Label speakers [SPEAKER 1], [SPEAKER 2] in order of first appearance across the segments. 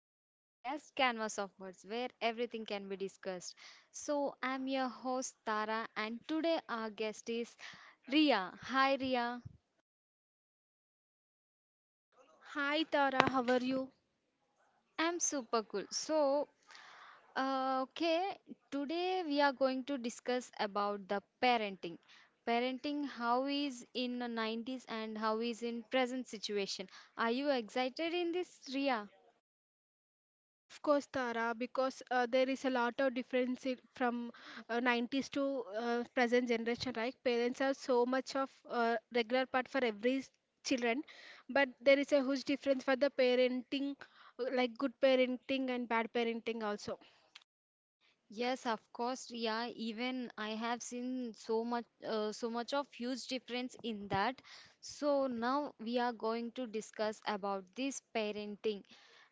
[SPEAKER 1] to my podcast, Canvas of Words, where everything can be discussed. I'm your host, Tara, and today our guest is Ria. Hi, Ria.
[SPEAKER 2] Hi Tara, how are you?
[SPEAKER 1] I'm super cool. Uh, okay, Today we are going to discuss about the parenting. Parenting, how is in the 90s and how is in present situation. Are you excited in this, Ria?
[SPEAKER 2] Of course, Tara, because there is a lot of difference in, from 90s to present generation, right? Parents are so much of regular part for every children, but there is a huge difference for the parenting, like good parenting and bad parenting also.
[SPEAKER 1] Yes, of course, yeah. Even I have seen so much of huge difference in that. So now we are going to discuss about this parenting,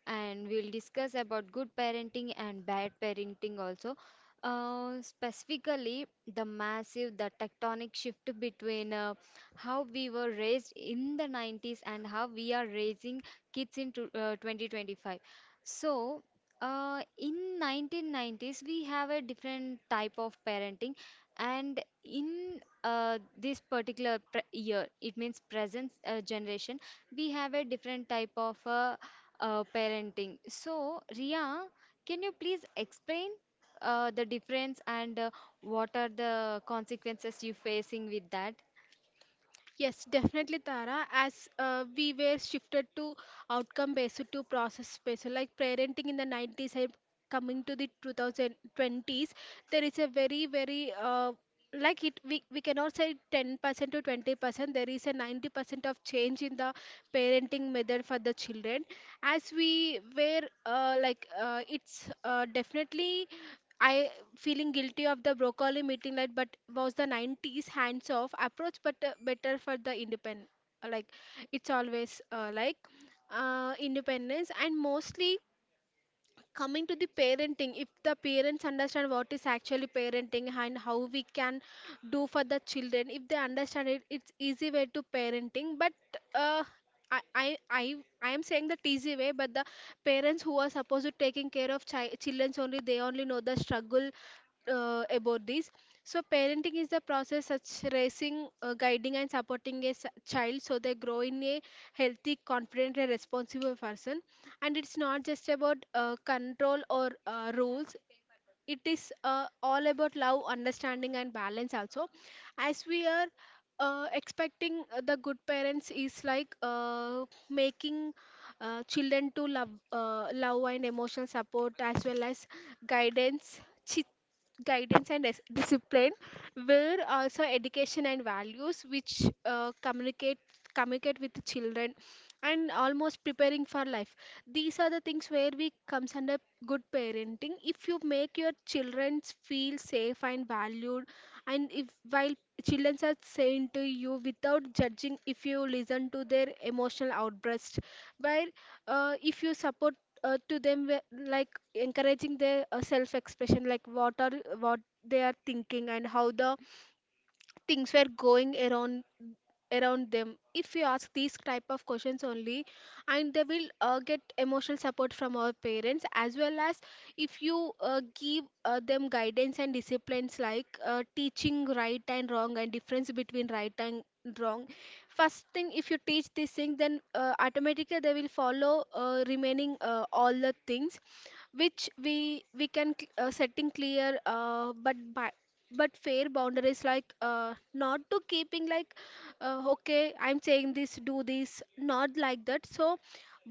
[SPEAKER 1] and we'll discuss about good parenting and bad parenting also. Specifically, the tectonic shift between how we were raised in the 90s and how we are raising kids in to, 2025. So, in 1990s, we have a different type of parenting, and in this particular pre year, it means present generation, we have a different type of parenting. So, Ria, can you please explain the difference and what are the consequences you facing with that?
[SPEAKER 2] Yes, definitely, Tara. As we were shifted to outcome based to process based, like parenting in the 90s and coming to the 2020s, there is a very, very like it, we cannot say 10% to 20%. There is a 90% of change in the parenting method for the children as we were it's definitely I feeling guilty of the broccoli meeting like but was the 90s hands off approach but better for the independent, like it's always like independence. And mostly coming to the parenting, if the parents understand what is actually parenting and how we can do for the children, if they understand it, it's easy way to parenting. But uh, I, I i I am saying that easy way, but the parents who are supposed to taking care of children, only they only know the struggle about this. So parenting is the process such raising guiding and supporting a child so they grow in a healthy, confident and responsible person. And it's not just about control or rules. It is all about love, understanding and balance also. As we are expecting the good parents is like making children to love, love and emotional support, as well as guidance guidance and discipline, where also education and values which communicate with the children, and almost preparing for life. These are the things where we comes under good parenting. If you make your children feel safe and valued, and if while children are saying to you without judging, if you listen to their emotional outburst, while if you support to them, like encouraging their self expression, like what they are thinking and how the things were going around them, if we ask these type of questions only, and they will get emotional support from our parents. As well as if you give them guidance and disciplines, like teaching right and wrong and difference between right and wrong. First thing, if you teach this thing, then automatically they will follow remaining all the things, which we can setting clear but fair boundaries, like not to keeping like okay, I'm saying this, do this, not like that. So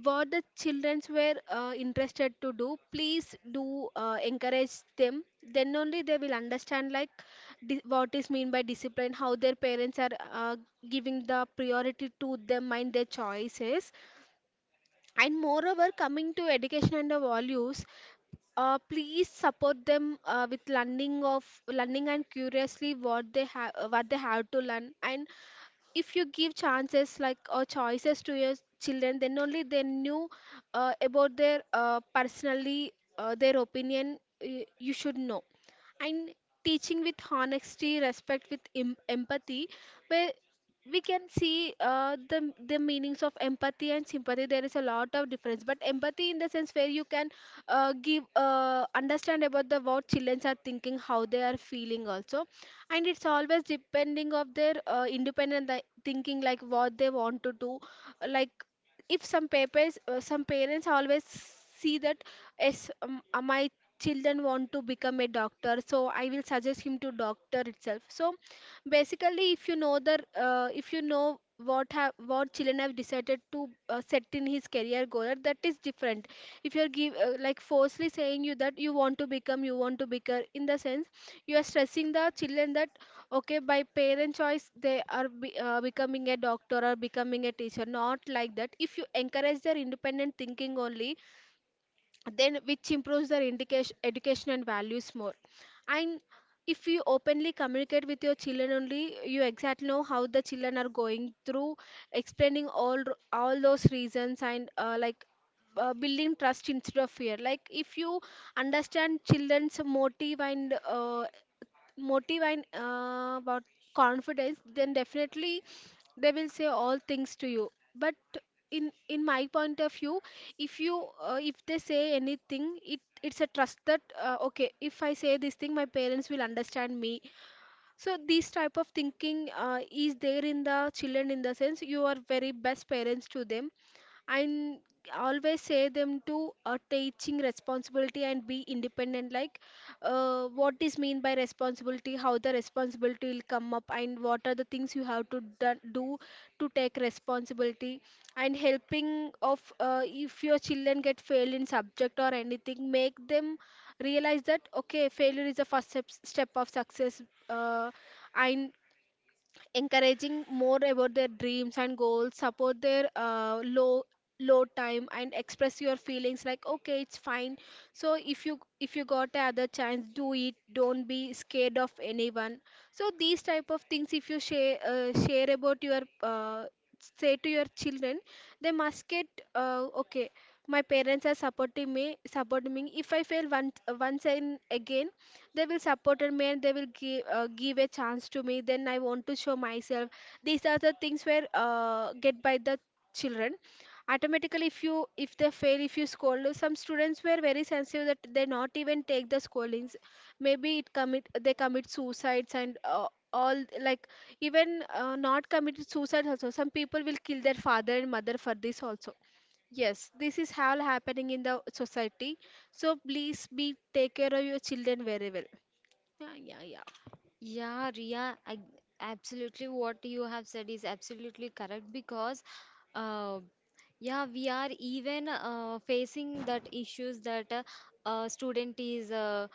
[SPEAKER 2] what the childrens were interested to do, please do encourage them. Then only they will understand like what is mean by discipline, how their parents are giving the priority to them and their choices. And moreover coming to education and the values, please support them with learning and curiously what they have to learn. And if you give chances like or choices to your children, then only they knew about their personally their opinion, you should know. And teaching with honesty, respect with empathy, where we can see the meanings of empathy and sympathy. There is a lot of difference, but empathy in the sense where you can give understand about the what children are thinking, how they are feeling also. And it's always depending of their independent thinking, like what they want to do. Like if some parents always see that, yes, my children want to become a doctor, so I will suggest him to doctor itself. So basically if you know the, if you know what have what children have decided to set in his career goal, that is different. If you're give like forcefully saying you that you want to become, you want to become, in the sense you are stressing the children that okay, by parent choice they are becoming a doctor or becoming a teacher. Not like that. If you encourage their independent thinking only, then which improves their indication, education and values more. And if you openly communicate with your children only, you exactly know how the children are going through, explaining all those reasons and like building trust instead of fear. Like if you understand children's motive and, about confidence, then definitely they will say all things to you. But in my point of view, if you if they say anything, it it's a trust that okay, if I say this thing my parents will understand me. So this type of thinking is there in the children, in the sense you are very best parents to them. And always say them to teaching responsibility and be independent, like what is mean by responsibility, how the responsibility will come up and what are the things you have to do to take responsibility. And helping of if your children get failed in subject or anything, make them realize that okay, failure is the first step of success. uh, and encouraging more about their dreams and goals, support their low time and express your feelings, like okay, it's fine. So if you got another chance, do it, don't be scared of anyone. So these type of things, if you share about your say to your children, they must get, okay, my parents are supporting me, if I fail once and again, they will supported me and they will give a chance to me, then I want to show myself. These are the things where get by the children automatically. If you, if they fail, if you scold, some students were very sensitive that they not even take the scoldings, maybe it commit they commit suicides. And all like, even not committed suicide also, some people will kill their father and mother for this also. Yes, this is all happening in the society. So please be, take care of your children very well. Yeah, yeah, yeah.
[SPEAKER 1] Yeah, Ria, I, absolutely what you have said is absolutely correct because, uh, yeah, we are even facing that issues that student is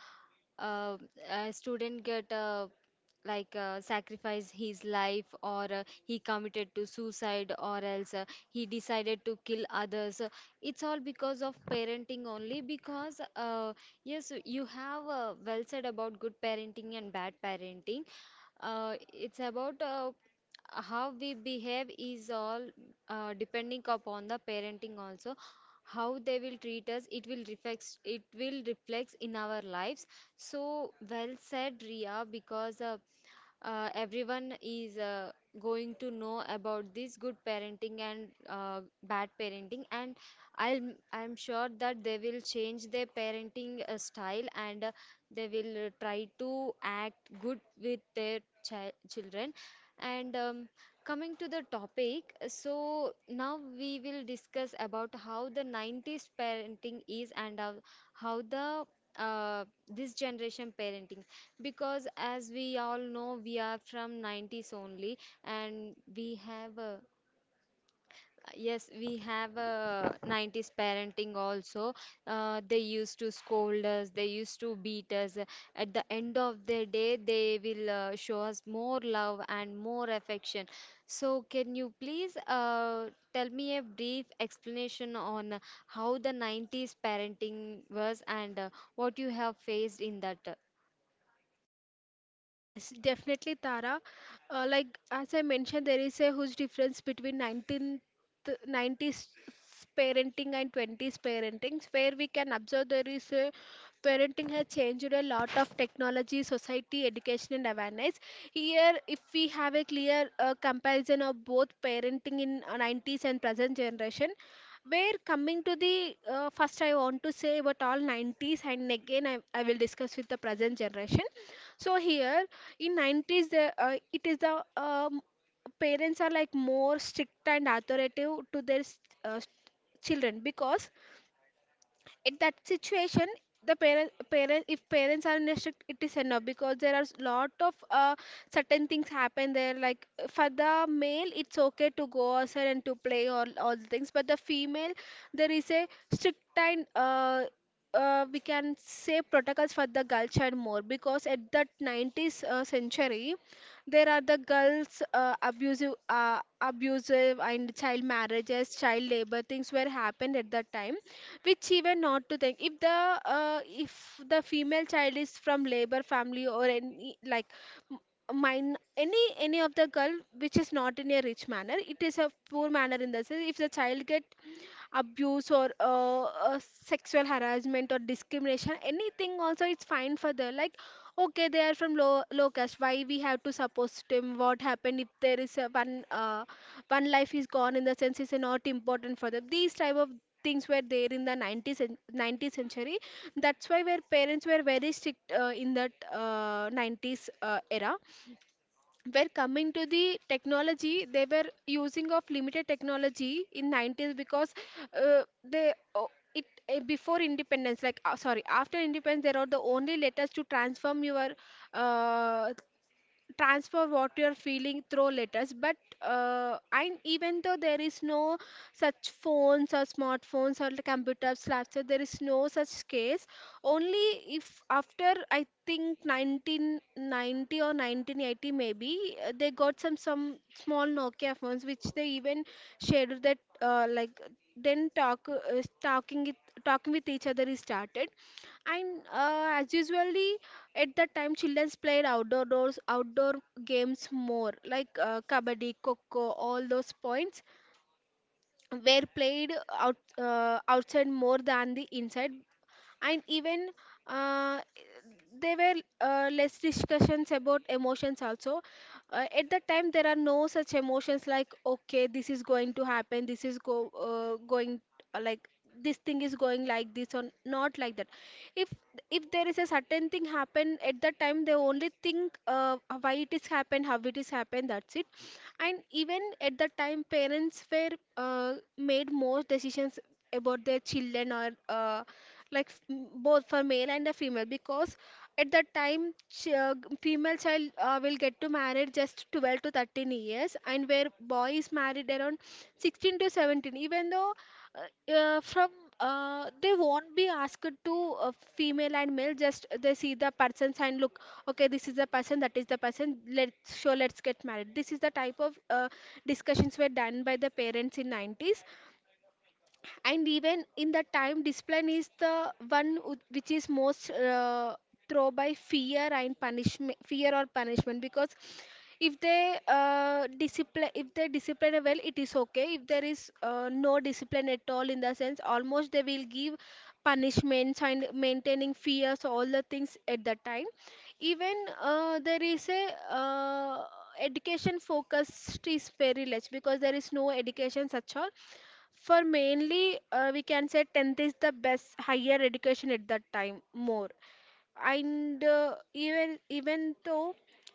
[SPEAKER 1] uh, a student get sacrifice his life or he committed to suicide or else he decided to kill others. It's all because of parenting only because. Yes, you have well said about good parenting and bad parenting. It's about how we behave is all depending upon the parenting also. How they will treat us, it will reflects in our lives. So well said, Ria, because everyone is going to know about this good parenting and bad parenting, and i'll I'm sure that they will change their parenting style and they will try to act good with their children. And Coming to the topic, so now we will discuss about how the 90s parenting is and how the this generation parenting, because as we all know we are from 90s only, and we have a. Yes, we have a 90s parenting also. They used to scold us, they used to beat us. At the end of the day they will show us more love and more affection. So can you please tell me a brief explanation on how the 90s parenting was and what you have faced in that.
[SPEAKER 2] Yes, definitely, Tara. Like as I mentioned, there is a huge difference between 90s parenting and 20s parenting, where we can observe there is a parenting has changed a lot of technology, society, education, and awareness. Here, if we have a clear comparison of both parenting in 90s and present generation, where coming to the first, I want to say about all 90s, and again, I will discuss with the present generation. So here in 90s, it is the parents are like more strict and authoritative to their uh, s- children. Because in that situation, the parent if parents are in restrict it is enough, because there are lot of certain things happen there, like for the male it's okay to go outside and to play all the things, but the female there is a strict and we can say protocols for the girl child more. Because at that 90s century, there are the girls abusive and child marriages, child labor things were happened at that time, which even not to think, if the female child is from labor family or any like m- mine, any of the girl which is not in a rich manner, it is a poor manner, in the sense if the child get abuse or sexual harassment or discrimination anything also, it's fine for them, like okay, they are from low caste, why we have to suppose them? What happened if there is a one one life is gone, in the sense is not important for them. These type of things were there in the 90th century. That's why where parents were very strict in that 90s era. Were coming to the technology, they were using of limited technology in 90s, because they oh, it before independence, like sorry, after independence, there are the only letters to transform your uh, transfer what you're feeling through letters. But and even though there is no such phones or smartphones or the computers laptop, there is no such case only. If after I think 1990 or 1980, maybe they got some small nokia phones, which they even shared that like, then talk talking with each other is started. And as usually at that time, childrens played outdoor games more, like kabaddi, coco, all those points were played outside more than the inside. And even uh, there were less discussions about emotions also. At that time there are no such emotions like, okay, this is going to happen, this is go going uh, like this thing is going like this or not like that. if if there is a certain thing happen, at that time they only think why it is happened, how it is happened, that's it. And even at the time parents were made more decisions about their children, or both for male and the female. Because at that time female child will get to marry just 12 to 13 years, and where boy is married around 16 to 17. Even though from they won't be asked to, female and male, just they see the persons and look, okay this is the person, that is the person, let's sure, let's get married. This is the type of discussions were done by the parents in 90s. And even in the time discipline is the one which is most throw by fear and punishment, fear or punishment. Because if they discipline well it is okay. If there is no discipline at all in the sense, almost they will give punishments and maintaining fears, all the things at the time. Even there is a education focused is very less, because there is no education such all for mainly, we can say 10th is the best higher education at that time more. And even though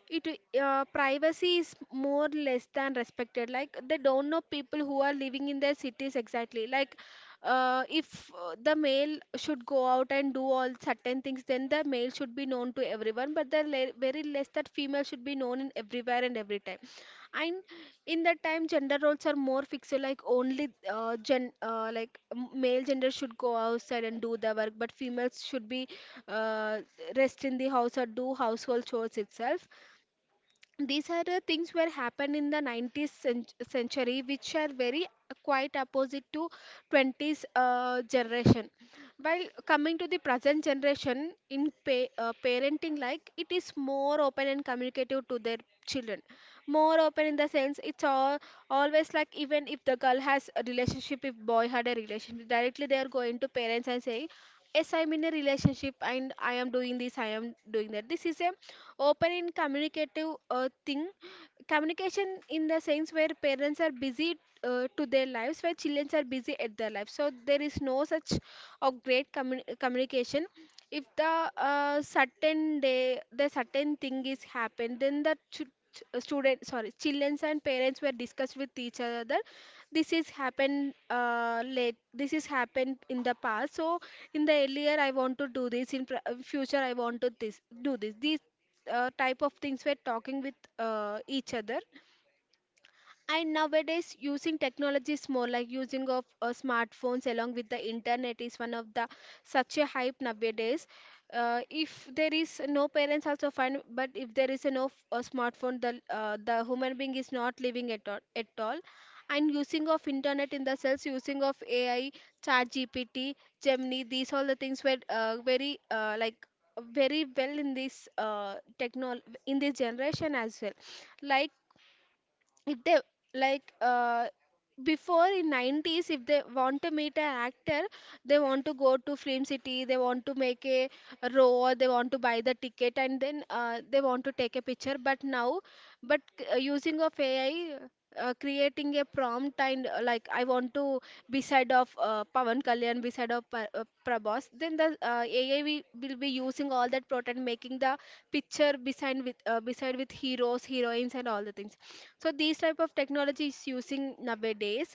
[SPEAKER 2] it, privacy is more less than respected. Like they don't know people who are living in their cities exactly. Like if the male should go out and do all certain things, then the male should be known to everyone. But very less that female should be known in everywhere and every time. And in that time gender roles are more fixed, like only male gender should go outside and do the work, but females should be, uh, rest in the house or do household chores itself. These are the things were happened in the 19th century, which are very quite opposite to 20s generation. While coming to the present generation, in parenting, like it is more open and communicative to their children. More open in the sense it's all always like, even if the girl has a relationship, if boy had a relationship, directly they are going to parents and saying, yes I'm in a relationship and I am doing this, I am doing that. This is a open in communicative thing. Communication in the sense where parents are busy to their lives, where children are busy at their lives, so there is no such of great communication. If the certain day the certain thing is happened, then the ch- ch- student sorry children and parents were discussed with each other, this is happened late, this is happened in the past. So in the earlier I want to do this, in future I want to this do this, these type of things we're talking with each other. And nowadays, using technology is more like, using of smartphones along with the internet is one of the such a hype nowadays. If there is no parents also fine, but if there is a no f- a smartphone, the human being is not living at all, at all. And using of internet in the cells, using of AI, ChatGPT, Gemini, these all the things were very well in this technol in this generation as well. Like if they like Before in 90s, if they want to meet an actor, they want to go to film city, they want to make a row, or they want to buy the ticket and then they want to take a picture. But now, but using of AI, creating a prompt and like I want to beside of Pavan Kalyan, beside of Prabhas, then the AI we will be using all that prompt and making the picture beside with heroes, heroines, and all the things. So these type of technology is using nowadays.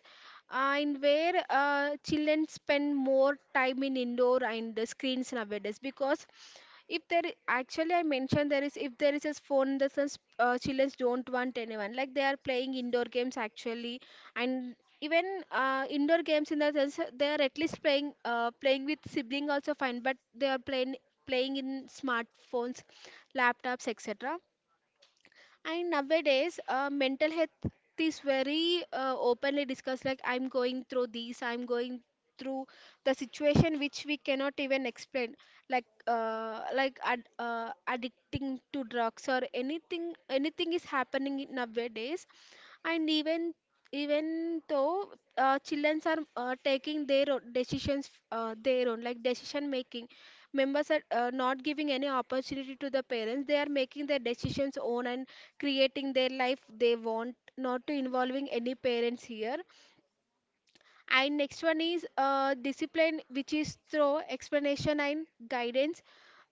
[SPEAKER 2] In where children spend more time in indoor and the screens nowadays. Because if there actually I mentioned, there is, if there is a phone the sense, children don't want anyone, like they are playing indoor games actually. And even indoor games in the sense they are at least playing with sibling also fine, but they are playing in smartphones, laptops, etc. And nowadays, mental health is very openly discussed. Like, I'm going through this, I'm going through the situation which we cannot even explain. Like, addicting to drugs or anything. Anything is happening in nowadays. And even though children are taking their own decisions, their own like decision making members are not giving any opportunity to the parents, they are making their decisions own and creating their life. They want not to involving any parents here. And next one is discipline, which is through explanation and guidance,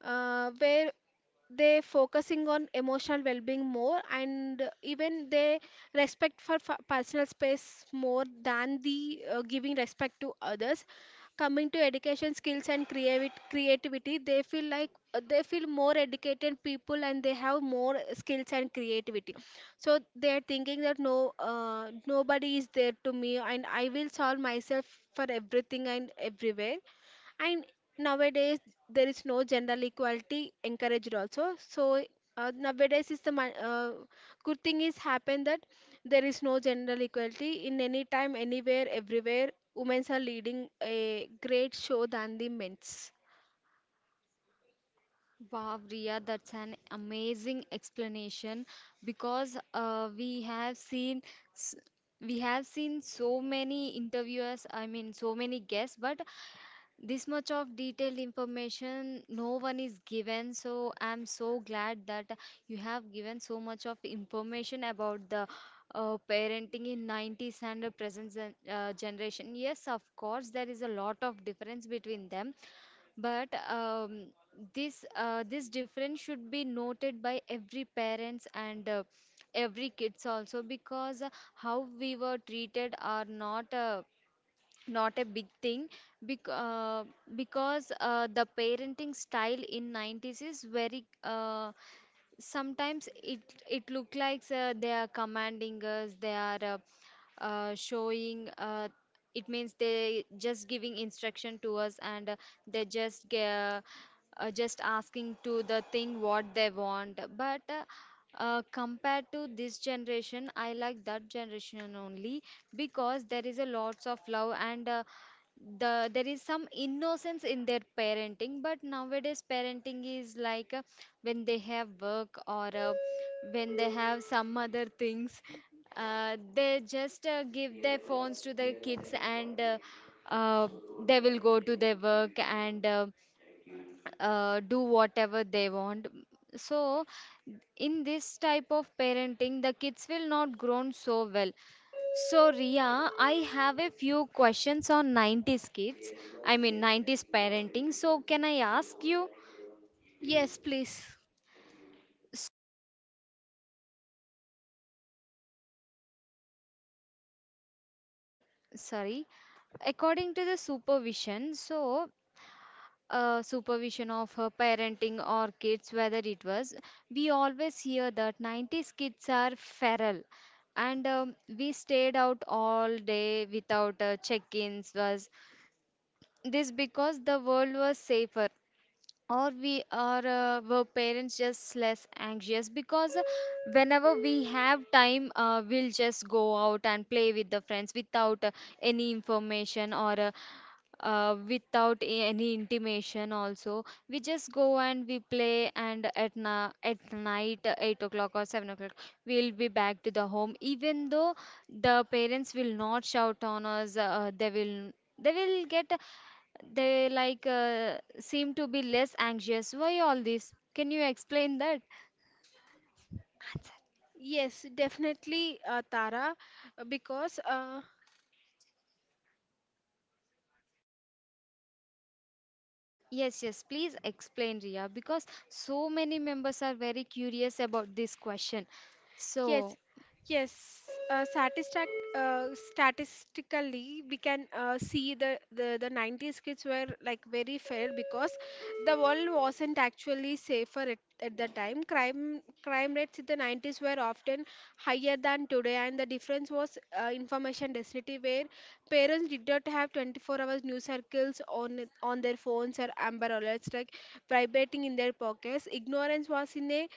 [SPEAKER 2] where they focusing on emotional well-being more. And even they respect for personal space more than the giving respect to others. Coming to education, skills and creativity, they feel like they feel more educated people and they have more skills and creativity. So they are thinking that, no nobody is there to me and I will solve myself for everything and everywhere. And nowadays, there is no gender equality encouraged also. So nowadays is the good thing is happened that there is no gender equality in any time, anywhere, everywhere. Women are leading a great show than the men's.
[SPEAKER 1] Wow, Riya, that's an amazing explanation because we have seen s- we have seen so many interviewers, I mean so many guests, but this much of detailed information no one is given. So I'm so glad that you have given so much of information about the parenting in 90s and the present generation. Yes, of course, there is a lot of difference between them, but this this difference should be noted by every parents and every kids also, because how we were treated are not a not a big thing, bec- uh, because the parenting style in 90s is very sometimes it look like they are commanding us, they are showing it means they just giving instruction to us, and they just just asking to the thing what they want. But compared to this generation, I like that generation only, because there is a lots of love and there is some innocence in their parenting. But nowadays parenting is like when they have work, or when they have some other things, they just give their phones to the kids, and uh, they will go to their work, and do whatever they want. So in this type of parenting, the kids will not grow so well. So, Ria, I have a few questions on 90s kids, I mean 90s parenting. So, can I ask you?
[SPEAKER 2] Yes, please.
[SPEAKER 1] Sor- Sorry. According to the supervision, so supervision of parenting or kids, whether we always hear that 90s kids are feral, and we stayed out all day without check-ins. Was this because the world was safer, or we are were parents just less anxious? Because whenever we have time we'll just go out and play with the friends without any information or without any intimation also. We just go and we play, and at at night 8 o'clock or 7 o'clock we'll be back to the home. Even though the parents will not shout on us, they will get they like seem to be less anxious. Why all this? Can you explain that?
[SPEAKER 2] Yes, definitely, Tara, because
[SPEAKER 1] Yes, yes, please explain, Ria, because so many members are very curious about this question.
[SPEAKER 2] yes,
[SPEAKER 1] So
[SPEAKER 2] yes. Uh, statistic, Statistically, we can see the 90s kids were like very fair, because the world wasn't actually safer at the time. Crime rates in the 90s were often higher than today, and the difference was information density, where parents did not have 24 hours news circles on their phones, or amber alerts like vibrating in their pockets. Ignorance was in a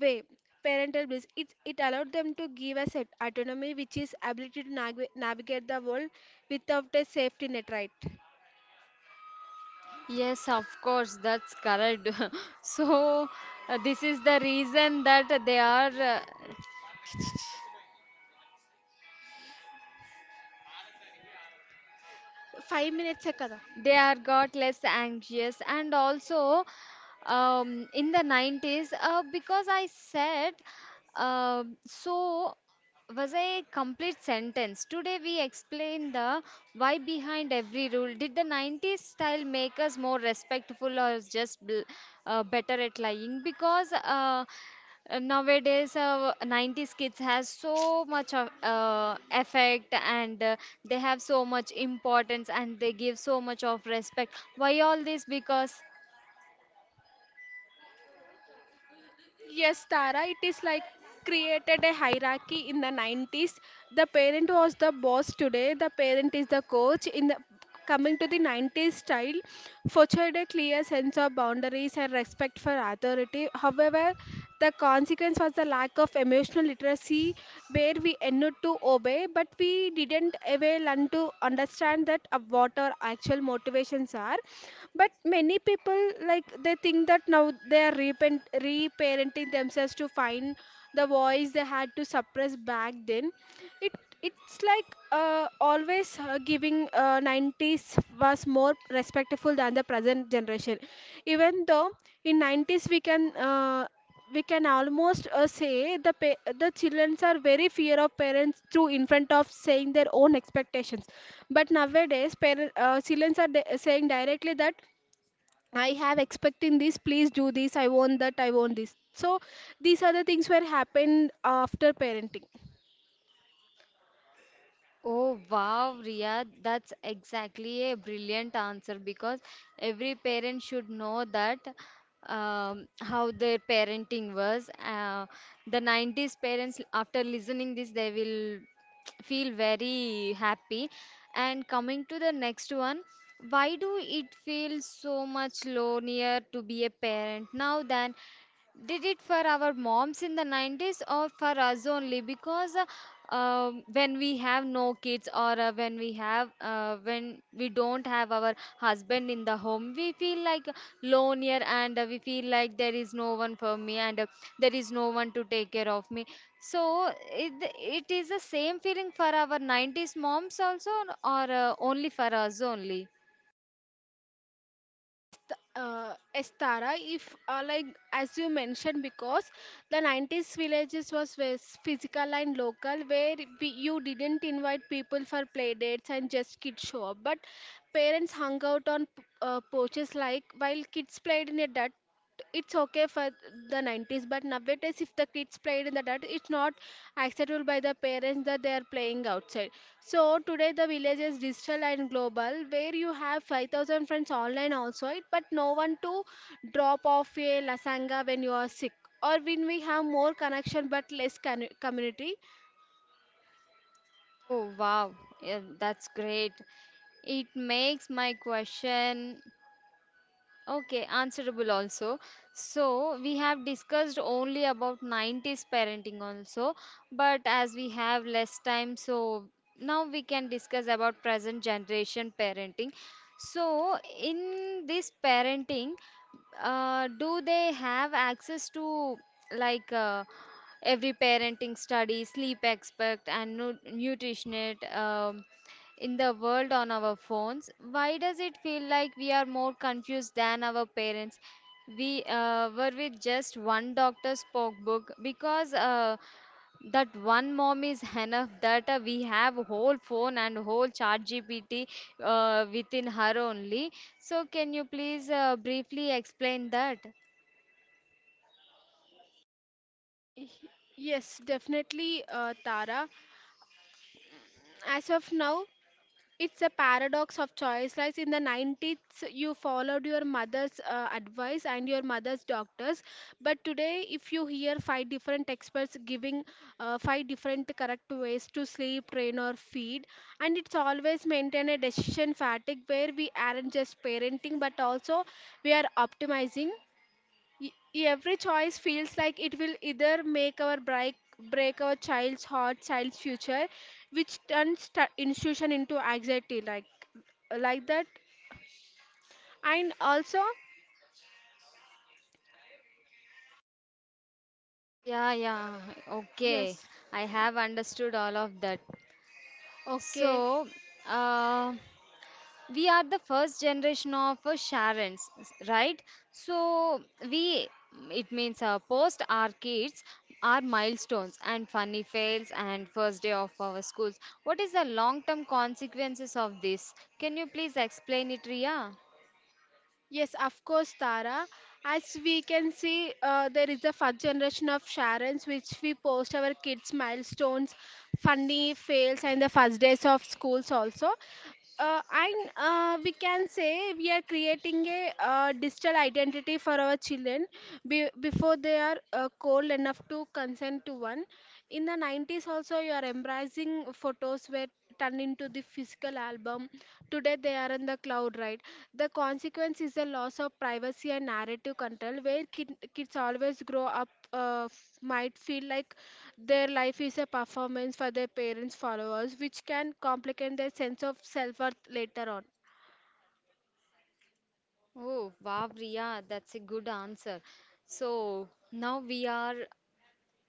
[SPEAKER 2] way parental bliss. It allowed them to give us autonomy, which is ability to navigate the world without a safety net, right?
[SPEAKER 1] yes, of course, that's correct. So this is the reason that uh,
[SPEAKER 2] five మినిట్సే కదా.
[SPEAKER 1] they are got less anxious. And also in the 90s, because I said, so was a complete sentence. Today we explain the why behind every rule. Did the 90s style make us more respectful, or just better at lying? Because Nowadays 90s kids has so much of effect and they have so much importance, and they give so much of respect. Why all this? Because
[SPEAKER 2] Yes, Tara, it is like created a hierarchy in the 90s. The parent was the boss, today the parent is the coach. In the coming to the 90s style, fostered a clear sense of boundaries and respect for authority. However, the consequence was the lack of emotional literacy, where we ended to obey, but we didn't ever learn to understand that what our actual motivations are. But many people like, they think that now they are reparenting themselves to find the voice they had to suppress back then. it it's like always giving 90s was more respectful than the present generation. Even though in 90s we can almost say the the children are very fear of parents through in front of saying their own expectations. But nowadays children are saying directly that, I have expecting this, please do this, I want that, I want this. So these are the things were happened after parenting.
[SPEAKER 1] oh wow, Ria! That's exactly a brilliant answer, because every parent should know that how their parenting was. The 90s parents, after listening this, they will feel very happy. And coming to the next one, why do it feel so much lonelier to be a parent now than did it for our moms in the 90s, or for us only? Because when we have no kids, or when we don't have our husband in the home, we feel like lonelier, and we feel like there is no one for me, and there is no one to take care of me. So it is the same feeling for our 90s moms also, or only for us only?
[SPEAKER 2] Yes, Tara. If like As you mentioned, because the 90s villages was physical and local, where you didn't invite people for play dates and just kids show up, but parents hung out on porches, like while kids played in a dirt. It's okay for the 90s, but nowadays if the kids played in the dirt it's not acceptable by the parents, that they are playing outside. So today the village is digital and global, where you have 5,000 friends online also, it, but no one to drop off a lasanga when you are sick, or when we have more connection but less community.
[SPEAKER 1] Oh wow, yeah, that's great. It makes my question okay, answerable also. So we have discussed only about 90s parenting also, but as we have less time, so now we can discuss about present generation parenting. So in this parenting, do they have access to like uh, every parenting study, sleep expert, and nu nutritionist in the world on our phones? Why does it feel like we are more confused than our parents we were with just one doctor's book? Because that one mom is enough, that we have whole phone and whole chat gpt within her only. So can you please briefly explain that?
[SPEAKER 2] Yes, definitely, Tara. As of now, it's a paradox of choice. Right, in the 90s, you followed your mother's advice and your mother's doctors. But today, if you hear 5 different experts giving five different correct ways to sleep, train, or feed, and it's always maintain a decision fatigue, where we aren't just parenting but also we are optimizing. Every choice feels like it will either make our break break our child's future, which turns t- institution into anxiety, like that. And also,
[SPEAKER 1] Yeah, yeah, okay,
[SPEAKER 2] yes,
[SPEAKER 1] I have understood all of that.
[SPEAKER 2] okay.
[SPEAKER 1] So, uh, we are the first generation of Sharons, right? So, we it means post our kids our milestones and funny fails and first day of our schools. What is the long term consequences of this? Can you please explain it, Ria?
[SPEAKER 2] Yes, of course, Tara. As we can see, there is the first generation of Sharons, which we post our kids' milestones, funny fails, and the first days of schools also. And We can say we are creating a digital identity for our children before they are cold enough to consent to one. In the 90s also, you are embracing photos were turned into the physical album, today they are in the cloud, right? The consequence is a loss of privacy and narrative control, where kids always grow up, might feel like their life is a performance for their parents followers, which can complicate their sense of self-worth later on.
[SPEAKER 1] Oh, wow, Ria, that's a good answer. So now we are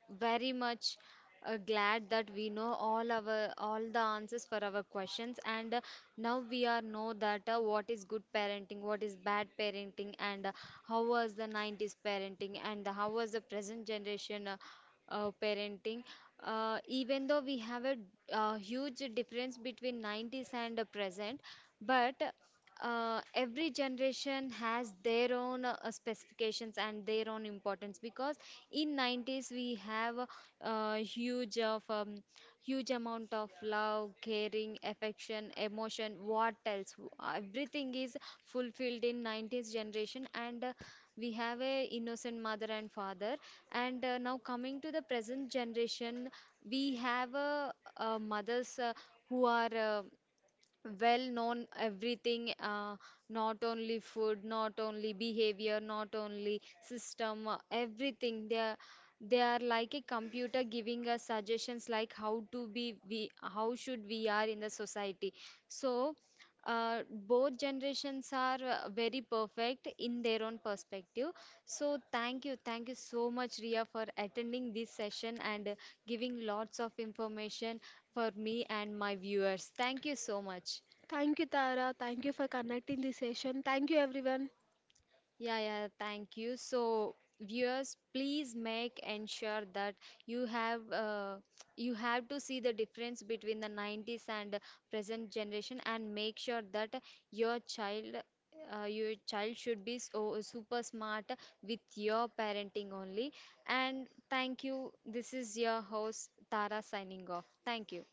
[SPEAKER 1] very much glad that we know all our all the answers for our questions, and now we are know that what is good parenting, what is bad parenting, and how was the 90s parenting, and how was the present generation parenting. Even though we have a huge difference between 90s and present, but every generation has their own specifications and their own importance. Because in 90s we have a huge of huge amount of love, caring, affection, emotion, what else, everything is fulfilled in 90s generation. And we have a innocent mother and father. And now coming to the present generation, we have mothers who are well known everything, not only food, not only behavior, not only system, everything. They are they are like a computer giving us suggestions like how to be we, how should we are in the society. So uh, both generations are very perfect in their own perspective. So thank you, thank you so much, Ria, for attending this session, and giving lots of information for me and my viewers. Thank you so much.
[SPEAKER 2] Thank you, Tara, thank you for connecting this session, thank you everyone.
[SPEAKER 1] Yeah, yeah, thank you. So, viewers, please make ensure that you have uh, you have to see the difference between the 90s and present generation, and make sure that your child your child should be so super smart with your parenting only. And thank you. This is your host Tara signing off. Thank you.